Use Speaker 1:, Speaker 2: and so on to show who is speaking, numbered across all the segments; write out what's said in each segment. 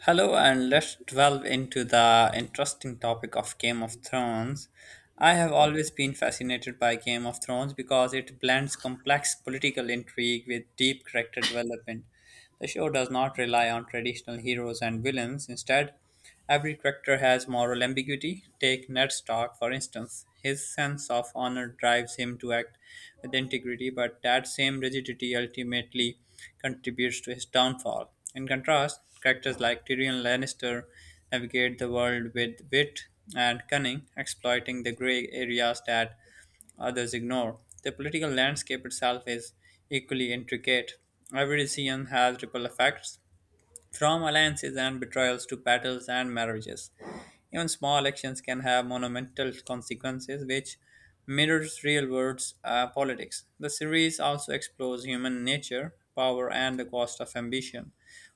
Speaker 1: Hello, and let's delve into the interesting topic of Game of Thrones. I have always been fascinated by Game of Thrones because it blends complex political intrigue with deep character development. The show does not rely on traditional heroes and villains. Instead, every character has moral ambiguity. Take Ned Stark, for instance. His sense of honor drives him to act with integrity, but that same rigidity ultimately contributes to his downfall. In contrast, characters like Tyrion Lannister navigate the world with wit and cunning, exploiting the gray areas that others ignore. The political landscape itself is equally intricate. Every decision has ripple effects, from alliances and betrayals to battles and marriages, even small actions can have monumental consequences, which mirrors real world politics. The series also explores human nature, power, and the cost of ambition.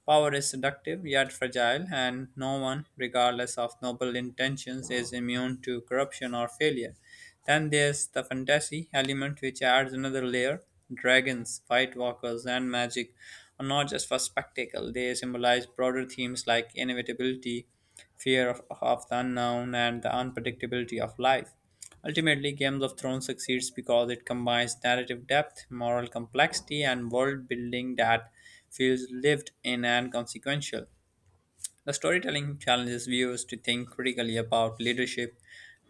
Speaker 1: Power is seductive yet fragile, and no one, regardless of noble intentions, is immune to corruption or failure. Then there's the fantasy element, which adds another layer. Dragons, white walkers, and magic are not just for spectacle, they symbolize broader themes like inevitability, fear of the unknown, and the unpredictability of life. Ultimately, Games of Thrones succeeds because it combines narrative depth, moral complexity, and world building that feels lived in and consequential. The storytelling challenges viewers to think critically about leadership,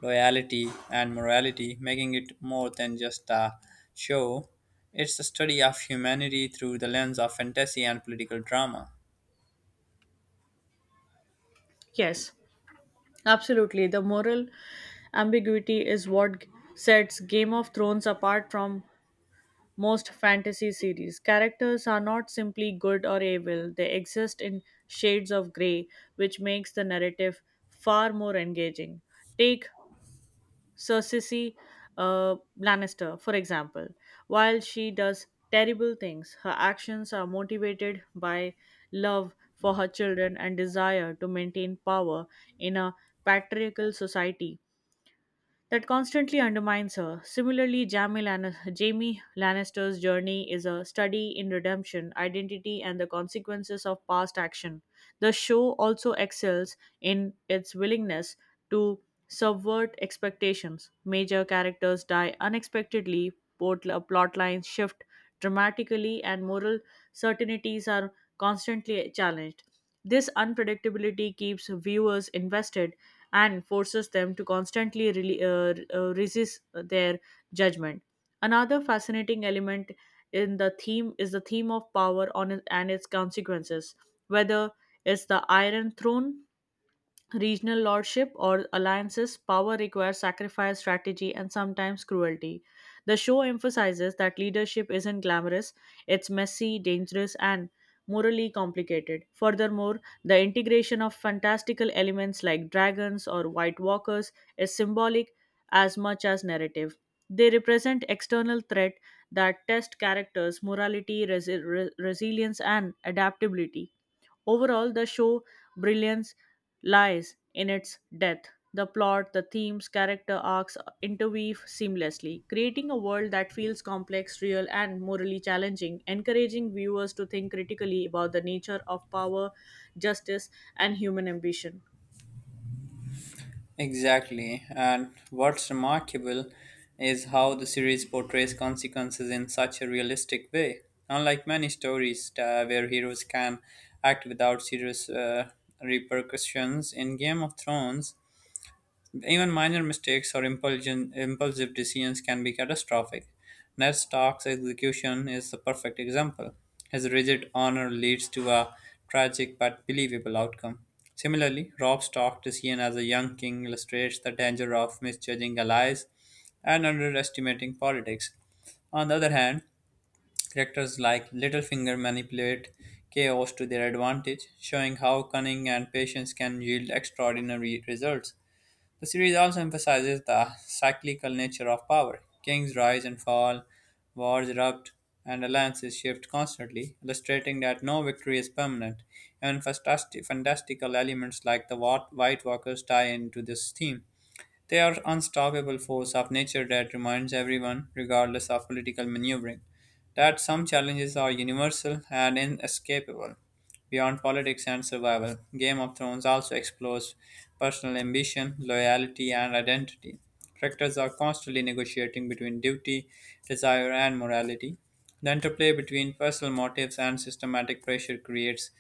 Speaker 1: loyalty, and morality, making it more than just a show. It's a study of humanity through the lens of fantasy and political drama.
Speaker 2: Yes, absolutely. The moral ambiguity is what sets Game of Thrones apart from most fantasy series. Characters are not simply good or evil, they exist in shades of grey, which makes the narrative far more engaging. Take Cersei Lannister, for example. While she does terrible things, her actions are motivated by love for her children and desire to maintain power in a patriarchal society that constantly undermines her. Similarly, Jamie Lannister's journey is a study in redemption, identity, and the consequences of past action. The show also excels in its willingness to subvert expectations. Major characters die unexpectedly, plot lines shift dramatically, and moral certainties are constantly challenged. This unpredictability keeps viewers invested and forces them to constantly resist their judgment. Another fascinating element in the theme is the theme of power on it and its consequences, whether it's the Iron Throne regional lordship or alliances, power requires sacrifice, strategy, and sometimes cruelty. The show emphasizes that leadership isn't glamorous, it's messy, dangerous, and morally complicated. Furthermore, the integration of fantastical elements like dragons or white walkers is symbolic as much as narrative. They represent external threat that test characters' morality, resilience, and adaptability. Overall, the show brilliance lies in its depth. The plot, the themes, character arcs interweave seamlessly, creating a world that feels complex, real, and morally challenging, encouraging viewers to think critically about the nature of power, justice, and human ambition.
Speaker 1: Exactly, and what's remarkable is how the series portrays consequences in such a realistic way. Unlike many stories where heroes can act without serious repercussions, in Game of Thrones, even minor mistakes or impulsive decisions can be catastrophic. Ned Stark's execution is the perfect example. His rigid honor leads to a tragic but believable outcome. Similarly, Rob Stark's decision as a young king illustrates the danger of misjudging allies and underestimating politics. On the other hand, characters like Littlefinger manipulate chaos to their advantage, showing how cunning and patience can yield extraordinary results. The series also emphasizes the cyclical nature of power. Kings rise and fall, wars erupt, and alliances shift constantly, illustrating that no victory is permanent. Even fantastical elements like the White Walkers tie into this theme. They are unstoppable force of nature that reminds everyone, regardless of political maneuvering, that some challenges are universal and inescapable. Beyond politics and survival, Game of Thrones also explores personal ambition, loyalty, and identity. Characters are constantly negotiating between duty, desire, and morality. The interplay between personal motives and systematic pressure creates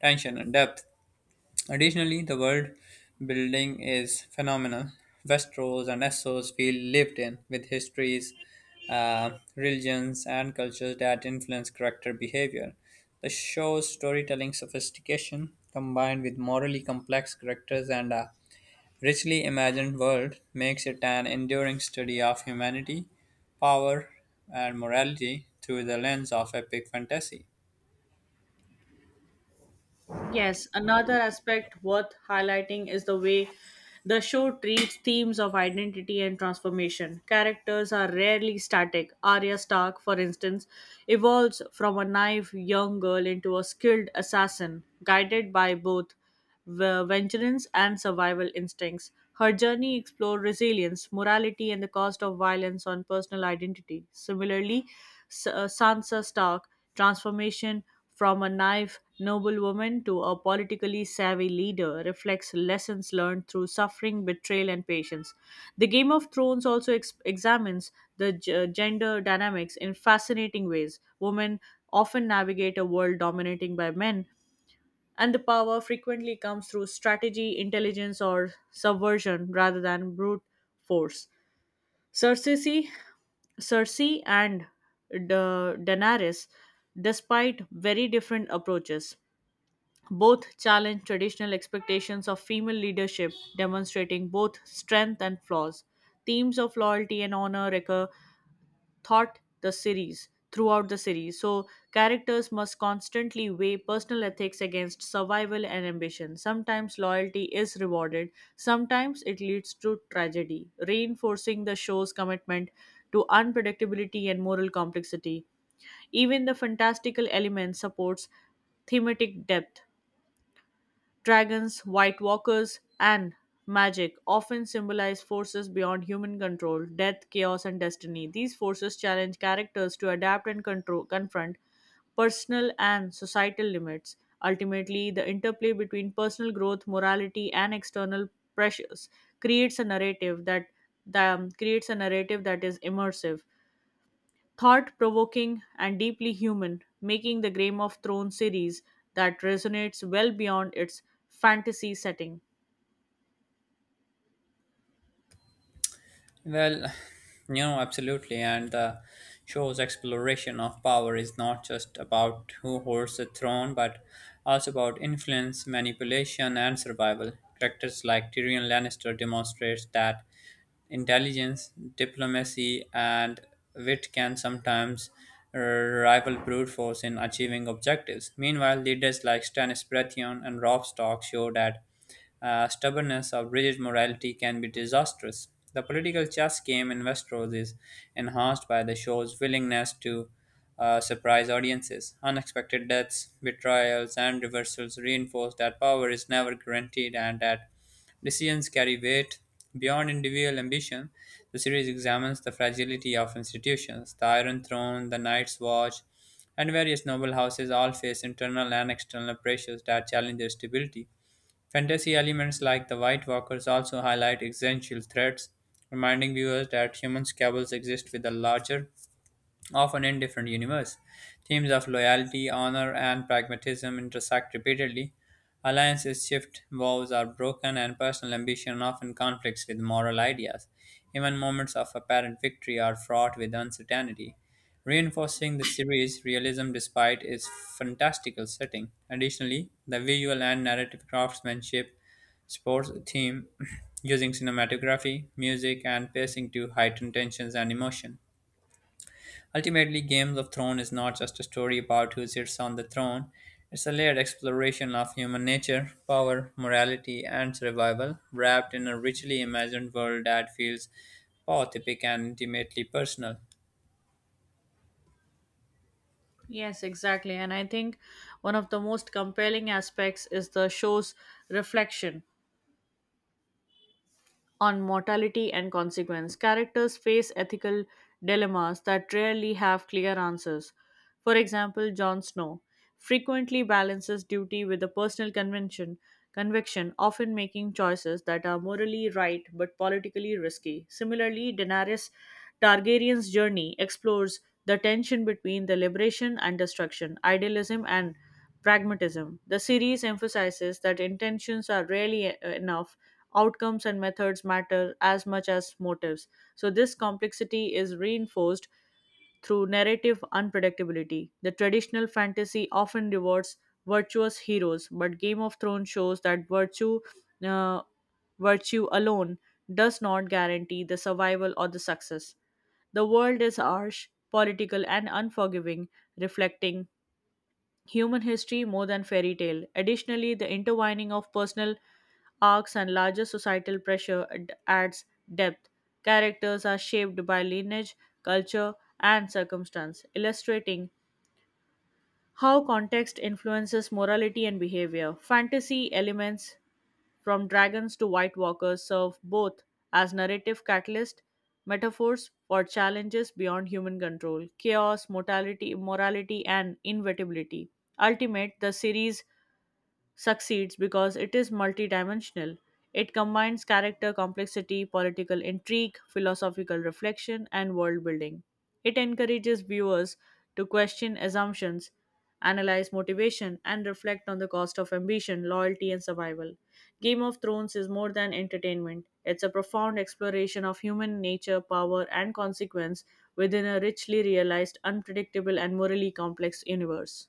Speaker 1: tension and depth. Additionally, the world building is phenomenal. Westeros and Essos feel lived in, with histories, uh, religions, and cultures that influence character behavior. The show's storytelling sophistication, combined with morally complex characters and a richly imagined world, makes it an enduring study of humanity, power, and morality through the lens of epic fantasy.
Speaker 2: Yes, another aspect worth highlighting is the way the show treats themes of identity and transformation. Characters are rarely static. Arya Stark, for instance, evolves from a naive young girl into a skilled assassin, guided by both vengeance, and survival instincts. Her journey explored resilience, morality, and the cost of violence on personal identity. Similarly, Sansa Stark transformation from a naive noblewoman to a politically savvy leader reflects lessons learned through suffering, betrayal, and patience. The Game of Thrones also examines the gender dynamics in fascinating ways. Women often navigate a world dominated by men, and the power frequently comes through strategy, intelligence, or subversion rather than brute force. Cersei, Cersei and Daenerys, despite very different approaches, both challenge traditional expectations of female leadership, demonstrating both strength and flaws. Themes of loyalty and honor recur thought the series throughout the series, so characters must constantly weigh personal ethics against survival and ambition. Sometimes loyalty is rewarded, sometimes it leads to tragedy, reinforcing the show's commitment to unpredictability and moral complexity. Even the fantastical element supports thematic depth. Dragons, White Walkers, and magic often symbolize forces beyond human control, death, chaos, and destiny. These forces challenge characters to adapt and control, confront personal and societal limits. Ultimately, the interplay between personal growth, morality, and external pressures creates a narrative that, creates a narrative that is immersive, thought provoking and deeply human, making the Game of Thrones series that resonates well beyond its fantasy setting.
Speaker 1: Well, you know, absolutely. And the show's exploration of power is not just about who holds the throne, but also about influence, manipulation, and survival. Characters like Tyrion Lannister demonstrates that intelligence, diplomacy, and wit can sometimes rival brute force in achieving objectives. Meanwhile, leaders like Stannis Baratheon and Robb Stark show that stubbornness or rigid morality can be disastrous. The political chess game in Westeros is enhanced by the show's willingness to surprise audiences. Unexpected deaths, betrayals, and reversals reinforce that power is never guaranteed and that decisions carry weight beyond individual ambition. The series examines the fragility of institutions. The Iron Throne, the Night's Watch, and various noble houses all face internal and external pressures that challenge their stability. Fantasy elements like the White Walkers also highlight existential threats, reminding viewers that human squabbles exist with a larger of an indifferent universe. Themes of loyalty, honor, and pragmatism intersect repeatedly. Alliances shift, vows are broken, and personal ambition often conflicts with moral ideas. Even moments of apparent victory are fraught with uncertainty, reinforcing the series' realism despite its fantastical setting. Additionally, the visual and narrative craftsmanship sports theme using cinematography, music, and pacing to heighten tensions and emotion. Ultimately, Games of Thrones is not just a story about who sits on the throne, it's a layered exploration of human nature, power, morality, and survival, wrapped in a richly imagined world that feels both epic and intimately personal.
Speaker 2: Yes, exactly. And I think one of the most compelling aspects is the show's reflection on mortality and consequence. Characters face ethical dilemmas that rarely have clear answers. For example, Jon Snow frequently balances duty with a conviction, often making choices that are morally right but politically risky. Similarly, Daenerys Targaryen's journey explores the tension between the liberation and destruction, idealism and pragmatism. The series emphasizes that intentions are rarely enough. Outcomes and methods matter as much as motives. So, this complexity is reinforced through narrative unpredictability. The traditional fantasy often rewards virtuous heroes, but Game of Thrones shows that uh, virtue alone does not guarantee the survival or the success. The world is harsh, political, and unforgiving, reflecting human history more than fairy tale. Additionally, the intertwining of personal arcs and larger societal pressure adds depth. Characters are shaped by lineage, culture, and circumstance, illustrating how context influences morality and behavior. Fantasy elements from dragons to white walkers, serve both as narrative catalyst, metaphors for challenges beyond human control, chaos, mortality, immorality, and inevitability. Ultimate, the series succeeds because it is multidimensional. It combines character complexity, political intrigue, philosophical reflection, and world building. It encourages viewers to question assumptions, analyze motivation, and reflect on the cost of ambition, loyalty, and survival. Game of Thrones is more than entertainment, it's a profound exploration of human nature, power, and consequence within a richly realized, unpredictable, and morally complex universe.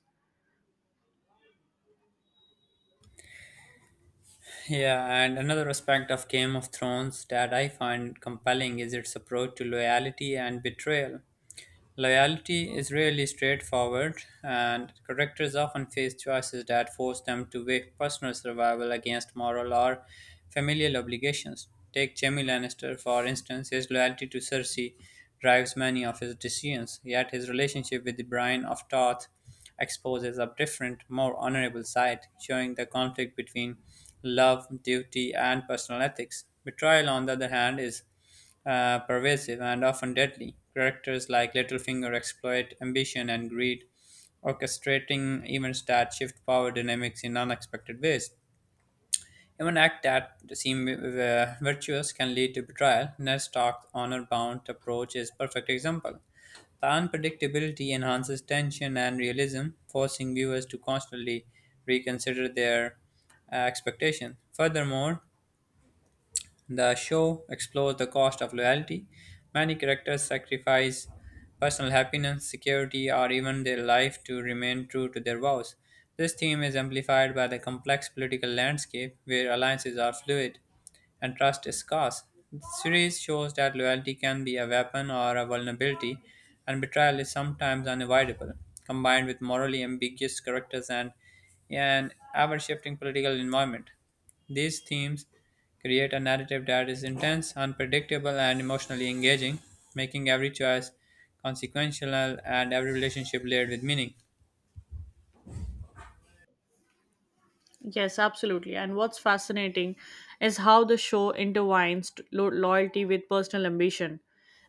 Speaker 1: Yeah, and another aspect of Game of Thrones that I find compelling is its approach to loyalty and betrayal. Loyalty is rarely straightforward, and characters often face choices that force them to weigh personal survival against moral or familial obligations. Take Jaime Lannister, for instance, his loyalty to Cersei drives many of his decisions, yet his relationship with the Brian of Tarth exposes a different, more honorable side, showing the conflict between love, duty, and personal ethics. Betrayal, on the other hand, is pervasive and often deadly. Characters like Littlefinger exploit ambition and greed, orchestrating events that shift power dynamics in unexpected ways. Even acts that seem virtuous can lead to betrayal. Ned Stark's honor-bound approach is a perfect example. The unpredictability enhances tension and realism, forcing viewers to constantly reconsider their expectations. Furthermore, the show explores the cost of loyalty. Many characters sacrifice personal happiness, security, or even their life to remain true to their vows. This theme is amplified by the complex political landscape where alliances are fluid and trust is scarce. The series shows that loyalty can be a weapon or a vulnerability, and betrayal is sometimes unavoidable. Combined with morally ambiguous characters and an ever shifting political environment, these themes create a narrative that is intense, unpredictable, and emotionally engaging, making every choice consequential and every relationship layered with meaning.
Speaker 2: Yes, absolutely. And what's fascinating is how the show intertwines loyalty with personal ambition.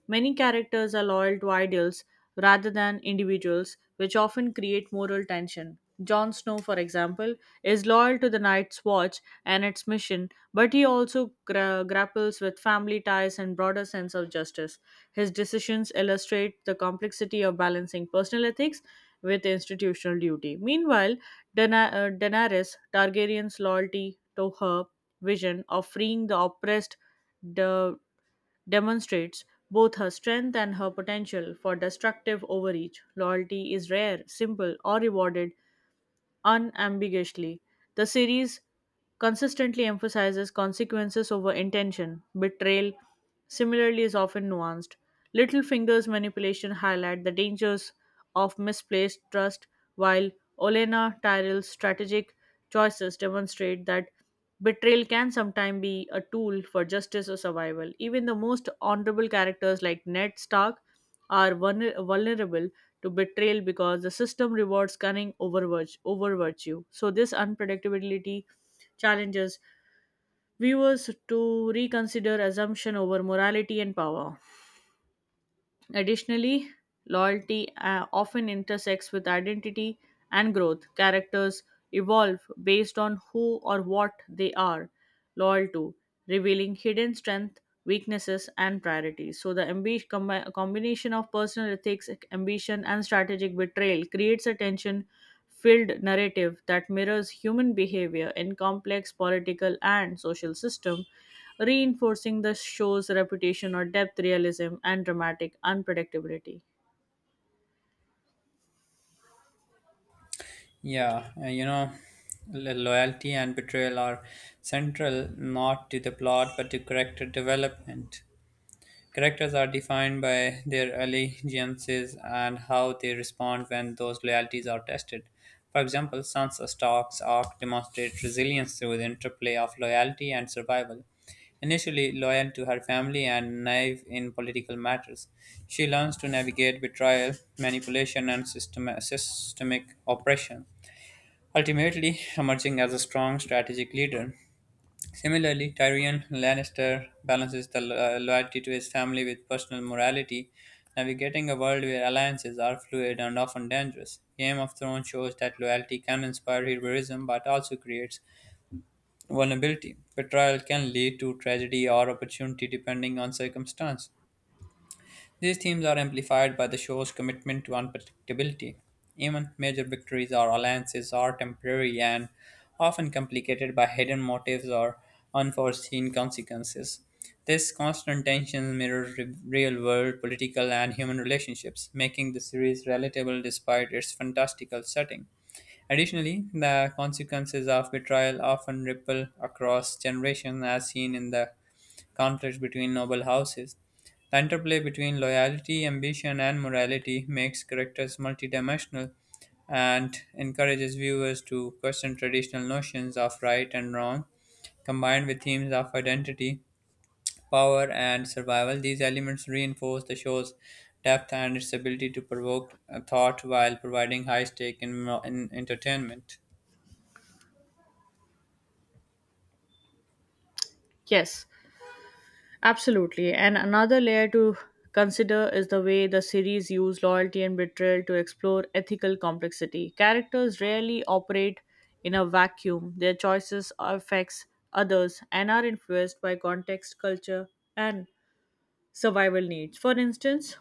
Speaker 2: Many characters are loyal to ideals rather than individuals, which often create moral tension. Jon Snow, for example, is loyal to the Night's Watch and its mission, but he also grapples with family ties and broader sense of justice. His decisions illustrate the complexity of balancing personal ethics with institutional duty. Meanwhile, Daenerys Targaryen's loyalty to her vision of freeing the oppressed the demonstrates both her strength and her potential for destructive overreach. Loyalty is rare, simple, or rewarded unambiguously. The series consistently emphasizes consequences over intention. Betrayal, similarly, is often nuanced. Littlefinger's manipulation highlight the dangers of misplaced trust, while Olenna Tyrell's strategic choices demonstrate that betrayal can sometimes be a tool for justice or survival. Even the most honorable characters like Ned Stark are vulnerable to betrayal because the system rewards cunning over virtue. So, this unpredictability challenges viewers to reconsider assumption over morality and power. Additionally, loyalty often intersects with identity and growth. Characters evolve based on who or what they are loyal to, revealing hidden strengths, weaknesses, and priorities. So, the combination of personal ethics, ambition, and strategic betrayal creates a tension filled narrative that mirrors human behavior in complex political and social systems, reinforcing the show's reputation of depth, realism, and dramatic unpredictability.
Speaker 1: Yeah, you know, loyalty and betrayal are central not to the plot but to character development. Characters are defined by their allegiances and how they respond when those loyalties are tested. For example, Sansa Stark's arc demonstrates resilience through the interplay of loyalty and survival. Initially loyal to her family and naive in political matters, she learns to navigate betrayal, manipulation, and systemic oppression ultimately emerging as a strong strategic leader. Similarly, Tyrion Lannister balances the loyalty to his family with personal morality, navigating a world where alliances are fluid and often dangerous. Game of Thrones shows that loyalty can inspire heroism but also creates vulnerability. Betrayal can lead to tragedy or opportunity depending on circumstance. These themes are amplified by the show's commitment to unpredictability. Even major victories or alliances are temporary and often complicated by hidden motives or unforeseen consequences. This constant tension mirrors real world political and human relationships, making the series relatable despite its fantastical setting. Additionally, the consequences of betrayal often ripple across generations, as seen in the conflicts between noble houses. The interplay between loyalty, ambition, and morality makes characters multidimensional and encourages viewers to question traditional notions of right and wrong, combined with themes of identity, power, and survival. These elements reinforce the show's depth and its ability to provoke thought while providing high stake in entertainment.
Speaker 2: Yes, absolutely. And another layer to consider is the way the series use loyalty and betrayal to explore ethical complexity. Characters rarely operate in a vacuum. Their choices affects others and are influenced by context, culture, and survival needs. For instance,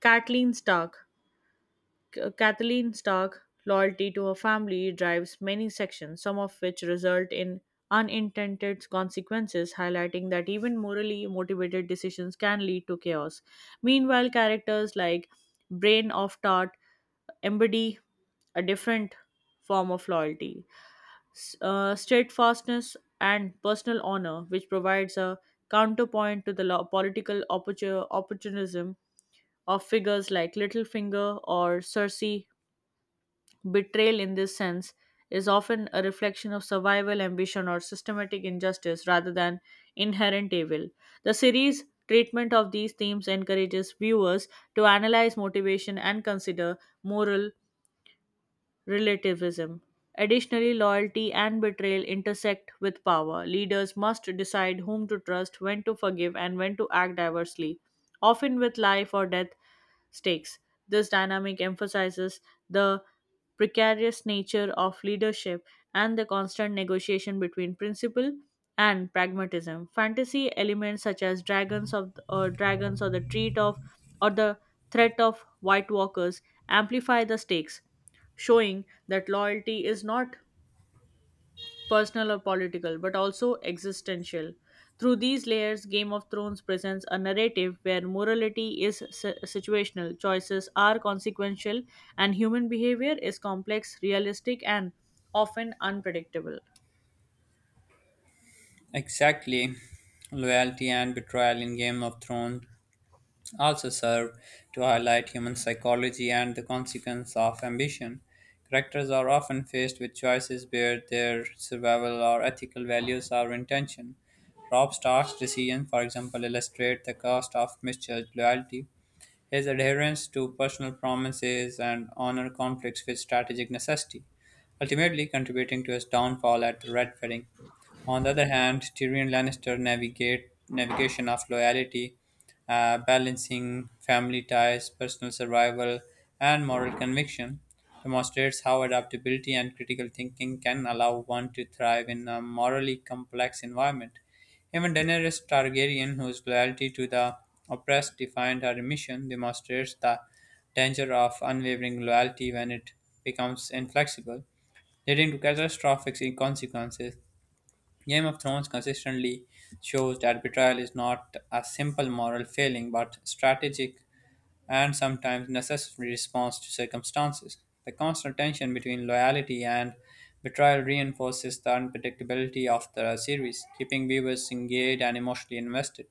Speaker 2: Kathleen Stark Kathleen Stark's loyalty to her family drives many sections, some of which result in unintended consequences, highlighting that even morally motivated decisions can lead to chaos. Meanwhile, characters like Brain of Tart embody a different form of loyalty, steadfastness, and personal honor, which provides a counterpoint to the political opportunism of figures like Littlefinger or Cersei. Betrayal, in this sense, is often a reflection of survival, ambition, or systematic injustice rather than inherent evil. The series' treatment of these themes encourages viewers to analyze motivation and consider moral relativism. Additionally, loyalty and betrayal intersect with power. Leaders must decide whom to trust, when to forgive, and when to act diversely, often with life or death stakes. This dynamic emphasizes the precarious nature of leadership and the constant negotiation between principle and pragmatism. Fantasy elements such as dragons or the or the threat of white walkers amplify the stakes, showing that loyalty is not personal or political but also existential. Through these layers, Game of Thrones presents a narrative where morality is situational, choices are consequential, and human behavior is complex, realistic, and often unpredictable.
Speaker 1: Exactly. Loyalty and betrayal in Game of Thrones also serve to highlight human psychology and the consequence of ambition. Characters are often faced with choices where their survival or ethical values are in tension. Rob Stark's decisions, for example, illustrate the cost of misjudged loyalty. His adherence to personal promises and honor conflicts with strategic necessity, ultimately contributing to his downfall at the Red Wedding. On the other hand, Tyrion Lannister navigate navigation of loyalty, balancing family ties, personal survival, and moral conviction, demonstrates how adaptability and critical thinking can allow one to thrive in a morally complex environment. Even Daenerys Targaryen, whose loyalty to the oppressed defined her mission, demonstrates the danger of unwavering loyalty when it becomes inflexible, leading to catastrophic consequences. Game of Thrones consistently shows that betrayal is not a simple moral failing but strategic and sometimes necessary response to circumstances. The constant tension between loyalty and betrayal reinforces the unpredictability of the series, keeping viewers engaged and emotionally invested.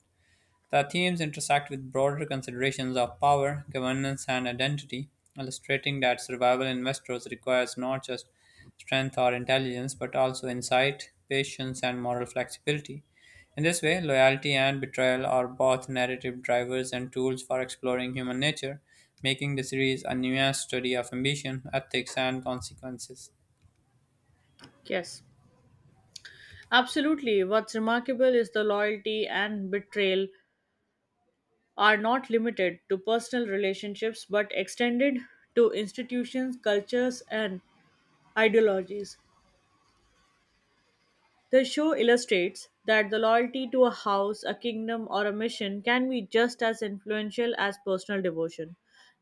Speaker 1: The themes intersect with broader considerations of power, governance, and identity, illustrating that survival in Westeros requires not just strength or intelligence, but also insight, patience, and moral flexibility. In this way, loyalty and betrayal are both narrative drivers and tools for exploring human nature, making the series a nuanced study of ambition, ethics, and consequences.
Speaker 2: Yes, absolutely. What's remarkable is the loyalty and betrayal are not limited to personal relationships but extended to institutions, cultures, and ideologies. The show illustrates that the loyalty to a house, a kingdom, or a mission can be just as influential as personal devotion.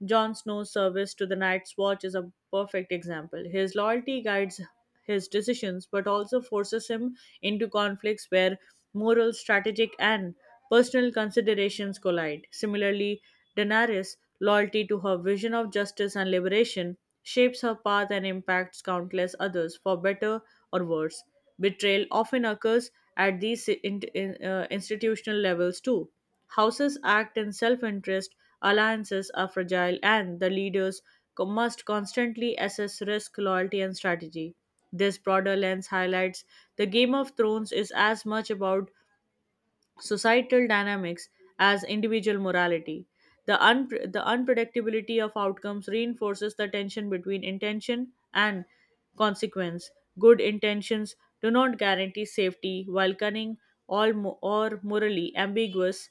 Speaker 2: Jon Snow's service to the Night's Watch is a perfect example. His loyalty guides his decisions but also forces him into conflicts where moral, strategic, and personal considerations collide. Similarly, Daenerys' loyalty to her vision of justice and liberation shapes her path and impacts countless others for better or worse. Betrayal often occurs at these institutional levels too. Houses act in self interest, alliances are fragile, and the leaders must constantly assess risk, loyalty, and strategy. This broader lens highlights the Game of Thrones is as much about societal dynamics as individual morality. The unpredictability of outcomes reinforces the tension between intention and consequence. Good intentions do not guarantee safety, while cunning or morally ambiguous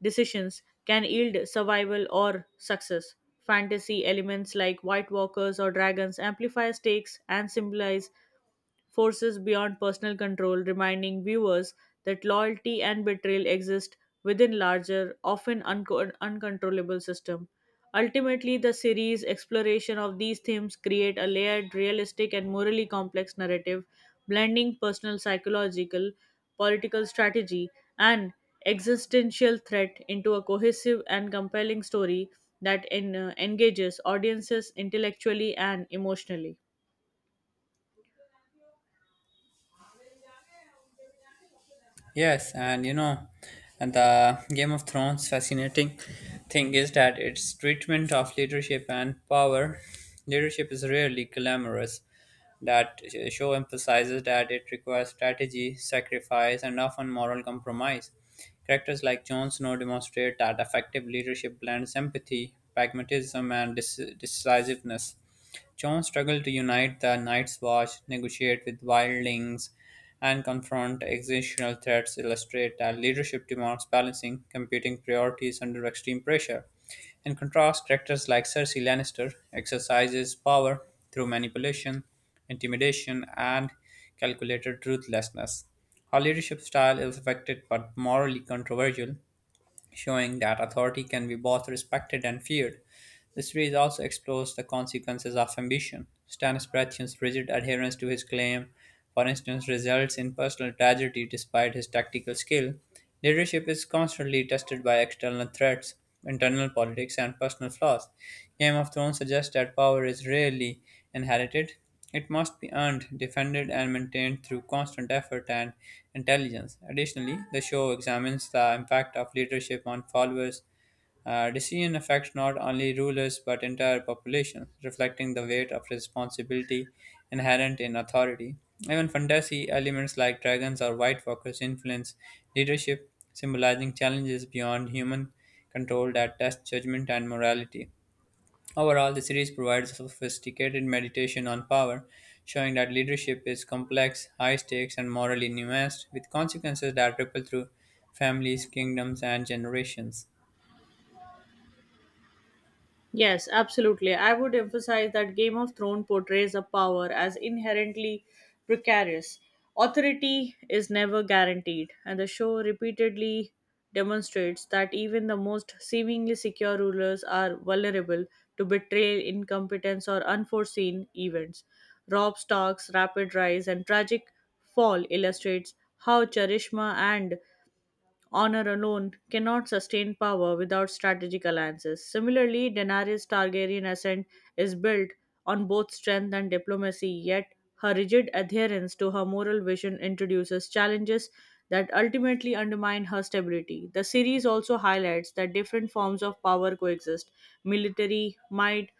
Speaker 2: decisions can yield survival or success. Fantasy elements like White Walkers or dragons amplify stakes and symbolize forces beyond personal control, reminding viewers that loyalty and betrayal exist within larger, often uncontrollable system. Ultimately, the series' exploration of these themes create a layered, realistic, and morally complex narrative, blending personal psychological, political strategy, and existential threat into a cohesive and compelling story that engages audiences intellectually and emotionally.
Speaker 1: Yes, and you know, and the Game of Thrones fascinating thing is that its treatment of leadership and power. Leadership is rarely glamorous. That show emphasizes that it requires strategy, sacrifice, and often moral compromise. Characters like Jon Snow demonstrate that effective leadership blends empathy, pragmatism, and decisiveness. John struggled to unite the Night's Watch, negotiate with wildlings, and confront existential threats illustrate that leadership demands balancing competing priorities under extreme pressure. In contrast, characters like Cersei Lannister exercises power through manipulation, intimidation, and calculated ruthlessness. Her leadership style is affected but morally controversial, showing that authority can be both respected and feared. The series also explores the consequences of ambition. Stannis Baratheon's rigid adherence to his claim, for instance, results in personal tragedy despite his tactical skill. Leadership is constantly tested by external threats, internal politics, and personal flaws. Game of Thrones suggests that power is rarely inherited. It must be earned, defended, and maintained through constant effort and intelligence. Additionally, the show examines the impact of leadership on followers decision affects not only rulers but entire populations, reflecting the weight of responsibility inherent in authority. Even fantasy elements like dragons or white walkers influence leadership, symbolizing challenges beyond human control that test judgment and morality. Overall, the series provides a sophisticated meditation on power, showing that leadership is complex, high stakes, and morally nuanced, with consequences that ripple through families, kingdoms, and generations.
Speaker 2: Yes, absolutely. I would emphasize that Game of Thrones portrays a power as inherently precarious. Authority is never guaranteed, and the show repeatedly demonstrates that even the most seemingly secure rulers are vulnerable to betrayal, incompetence, or unforeseen events. Rob Stark's rapid rise and tragic fall illustrates how charisma and Honor alone cannot sustain power without strategic alliances. Similarly, Daenerys Targaryen ascent is built on both strength and diplomacy, yet her rigid adherence to her moral vision introduces challenges that ultimately undermine her stability. The series also highlights that different forms of power coexist, military, might,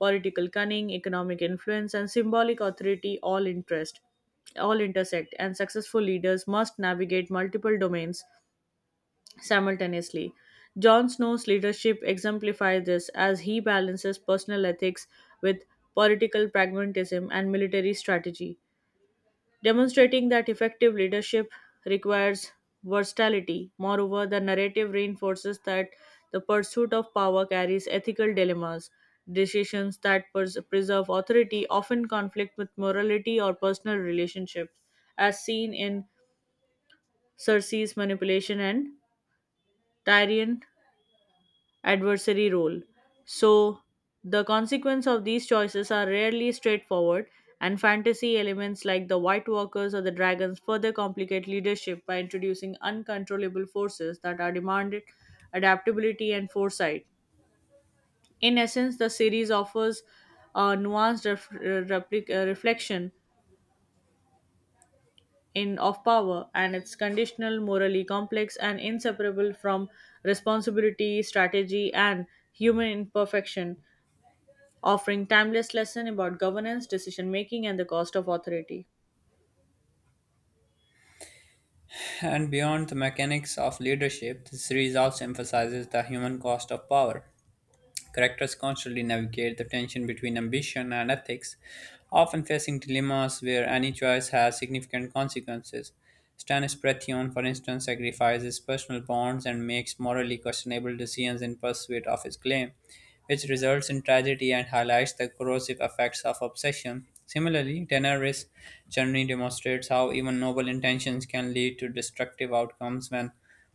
Speaker 2: political cunning, economic influence, and symbolic authority all intersect, and successful leaders must navigate multiple domains simultaneously. Jon Snow's leadership exemplifies this as he balances personal ethics with political pragmatism and military strategy, demonstrating that effective leadership requires versatility. Moreover, the narrative reinforces that the pursuit of power carries ethical dilemmas. Decisions that preserve authority often conflict with morality or personal relationships, as seen in Cersei's manipulation and Tyrion adversary role. So, the consequence of these choices are rarely straightforward, and fantasy elements like the White Walkers or the Dragons further complicate leadership by introducing uncontrollable forces that are demanded adaptability and foresight. In essence, the series offers a nuanced reflection in of power and it's conditional, morally complex, and inseparable from responsibility, strategy, and human imperfection, offering timeless lesson about governance, decision making and the cost of authority.
Speaker 1: And beyond the mechanics of leadership, the series also emphasizes the human cost of power. Characters constantly navigate the tension between ambition and ethics, often facing dilemmas where any choice has significant consequences. Stannis Baratheon, for instance, sacrifices personal bonds and makes morally questionable decisions in pursuit of his claim, which results in tragedy and highlights the corrosive effects of obsession. Similarly, Daenerys generally demonstrates how even noble intentions can lead to destructive outcomes when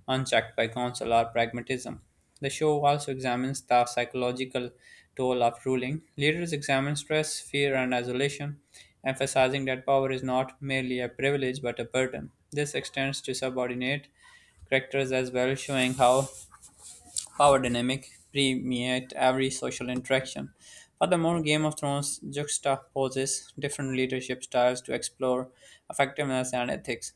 Speaker 1: unchecked by counsel or pragmatism. The show also examines the psychological toll of ruling. Leaders examine stress, fear, and isolation, emphasizing that power is not merely a privilege but a burden. This extends to subordinate characters as well, showing how power dynamic permeate every social interaction. Furthermore, Game of Thrones juxtaposes different leadership styles to explore effectiveness and ethics.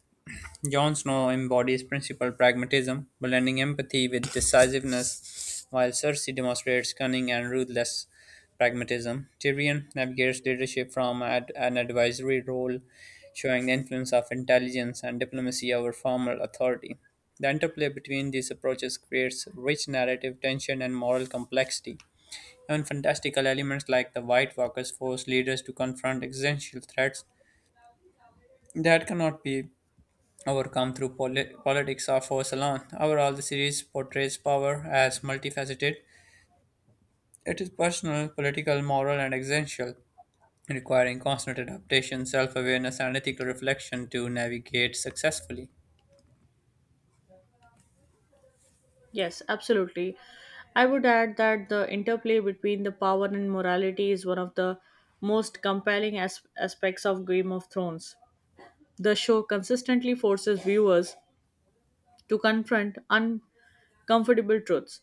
Speaker 1: Jon Snow embodies principled pragmatism, blending empathy with decisiveness, while Cersei demonstrates cunning and ruthless pragmatism. Tyrion navigates leadership from an advisory role, showing the influence of intelligence and diplomacy over formal authority. The interplay between these approaches creates rich narrative tension and moral complexity. Even fantastical elements like the White Walkers force leaders to confront existential threats that cannot be overcome through politics or for salon. Overall, the series portrays power as multifaceted. It is personal, political, moral, and existential, requiring constant adaptation, self awareness, and ethical reflection to navigate successfully.
Speaker 2: Yes, absolutely. I would add that the interplay between the power and morality is one of the most compelling aspects of Game of Thrones. The show consistently forces viewers to confront uncomfortable truths.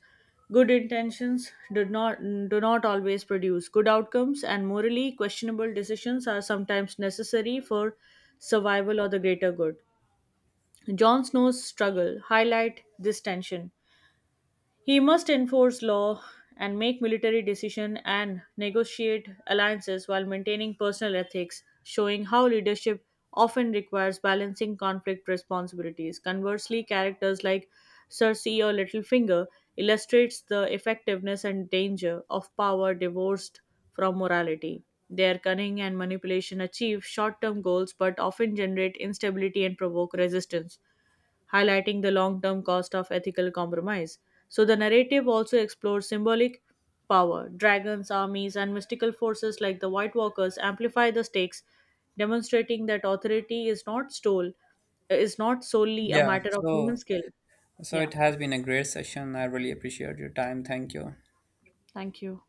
Speaker 2: Good intentions do not always produce good outcomes, and morally questionable decisions are sometimes necessary for survival or the greater good. Jon Snow's struggle highlight this tension. He must enforce law and make military decisions and negotiate alliances while maintaining personal ethics, showing how leadership often requires balancing conflict responsibilities. Conversely, characters like Cersei or Littlefinger illustrates the effectiveness and danger of power divorced from morality. Their cunning and manipulation achieve short-term goals but often generate instability and provoke resistance, highlighting the long term cost of ethical compromise. So the narrative also explores symbolic power. Dragons, armies, and mystical forces like the White Walkers amplify the stakes, demonstrating that authority is not stole is not solely a
Speaker 1: Yeah,
Speaker 2: matter of human
Speaker 1: so
Speaker 2: skill. Yeah.
Speaker 1: it has been a great session. I really appreciate your time. Thank you.
Speaker 2: Thank you.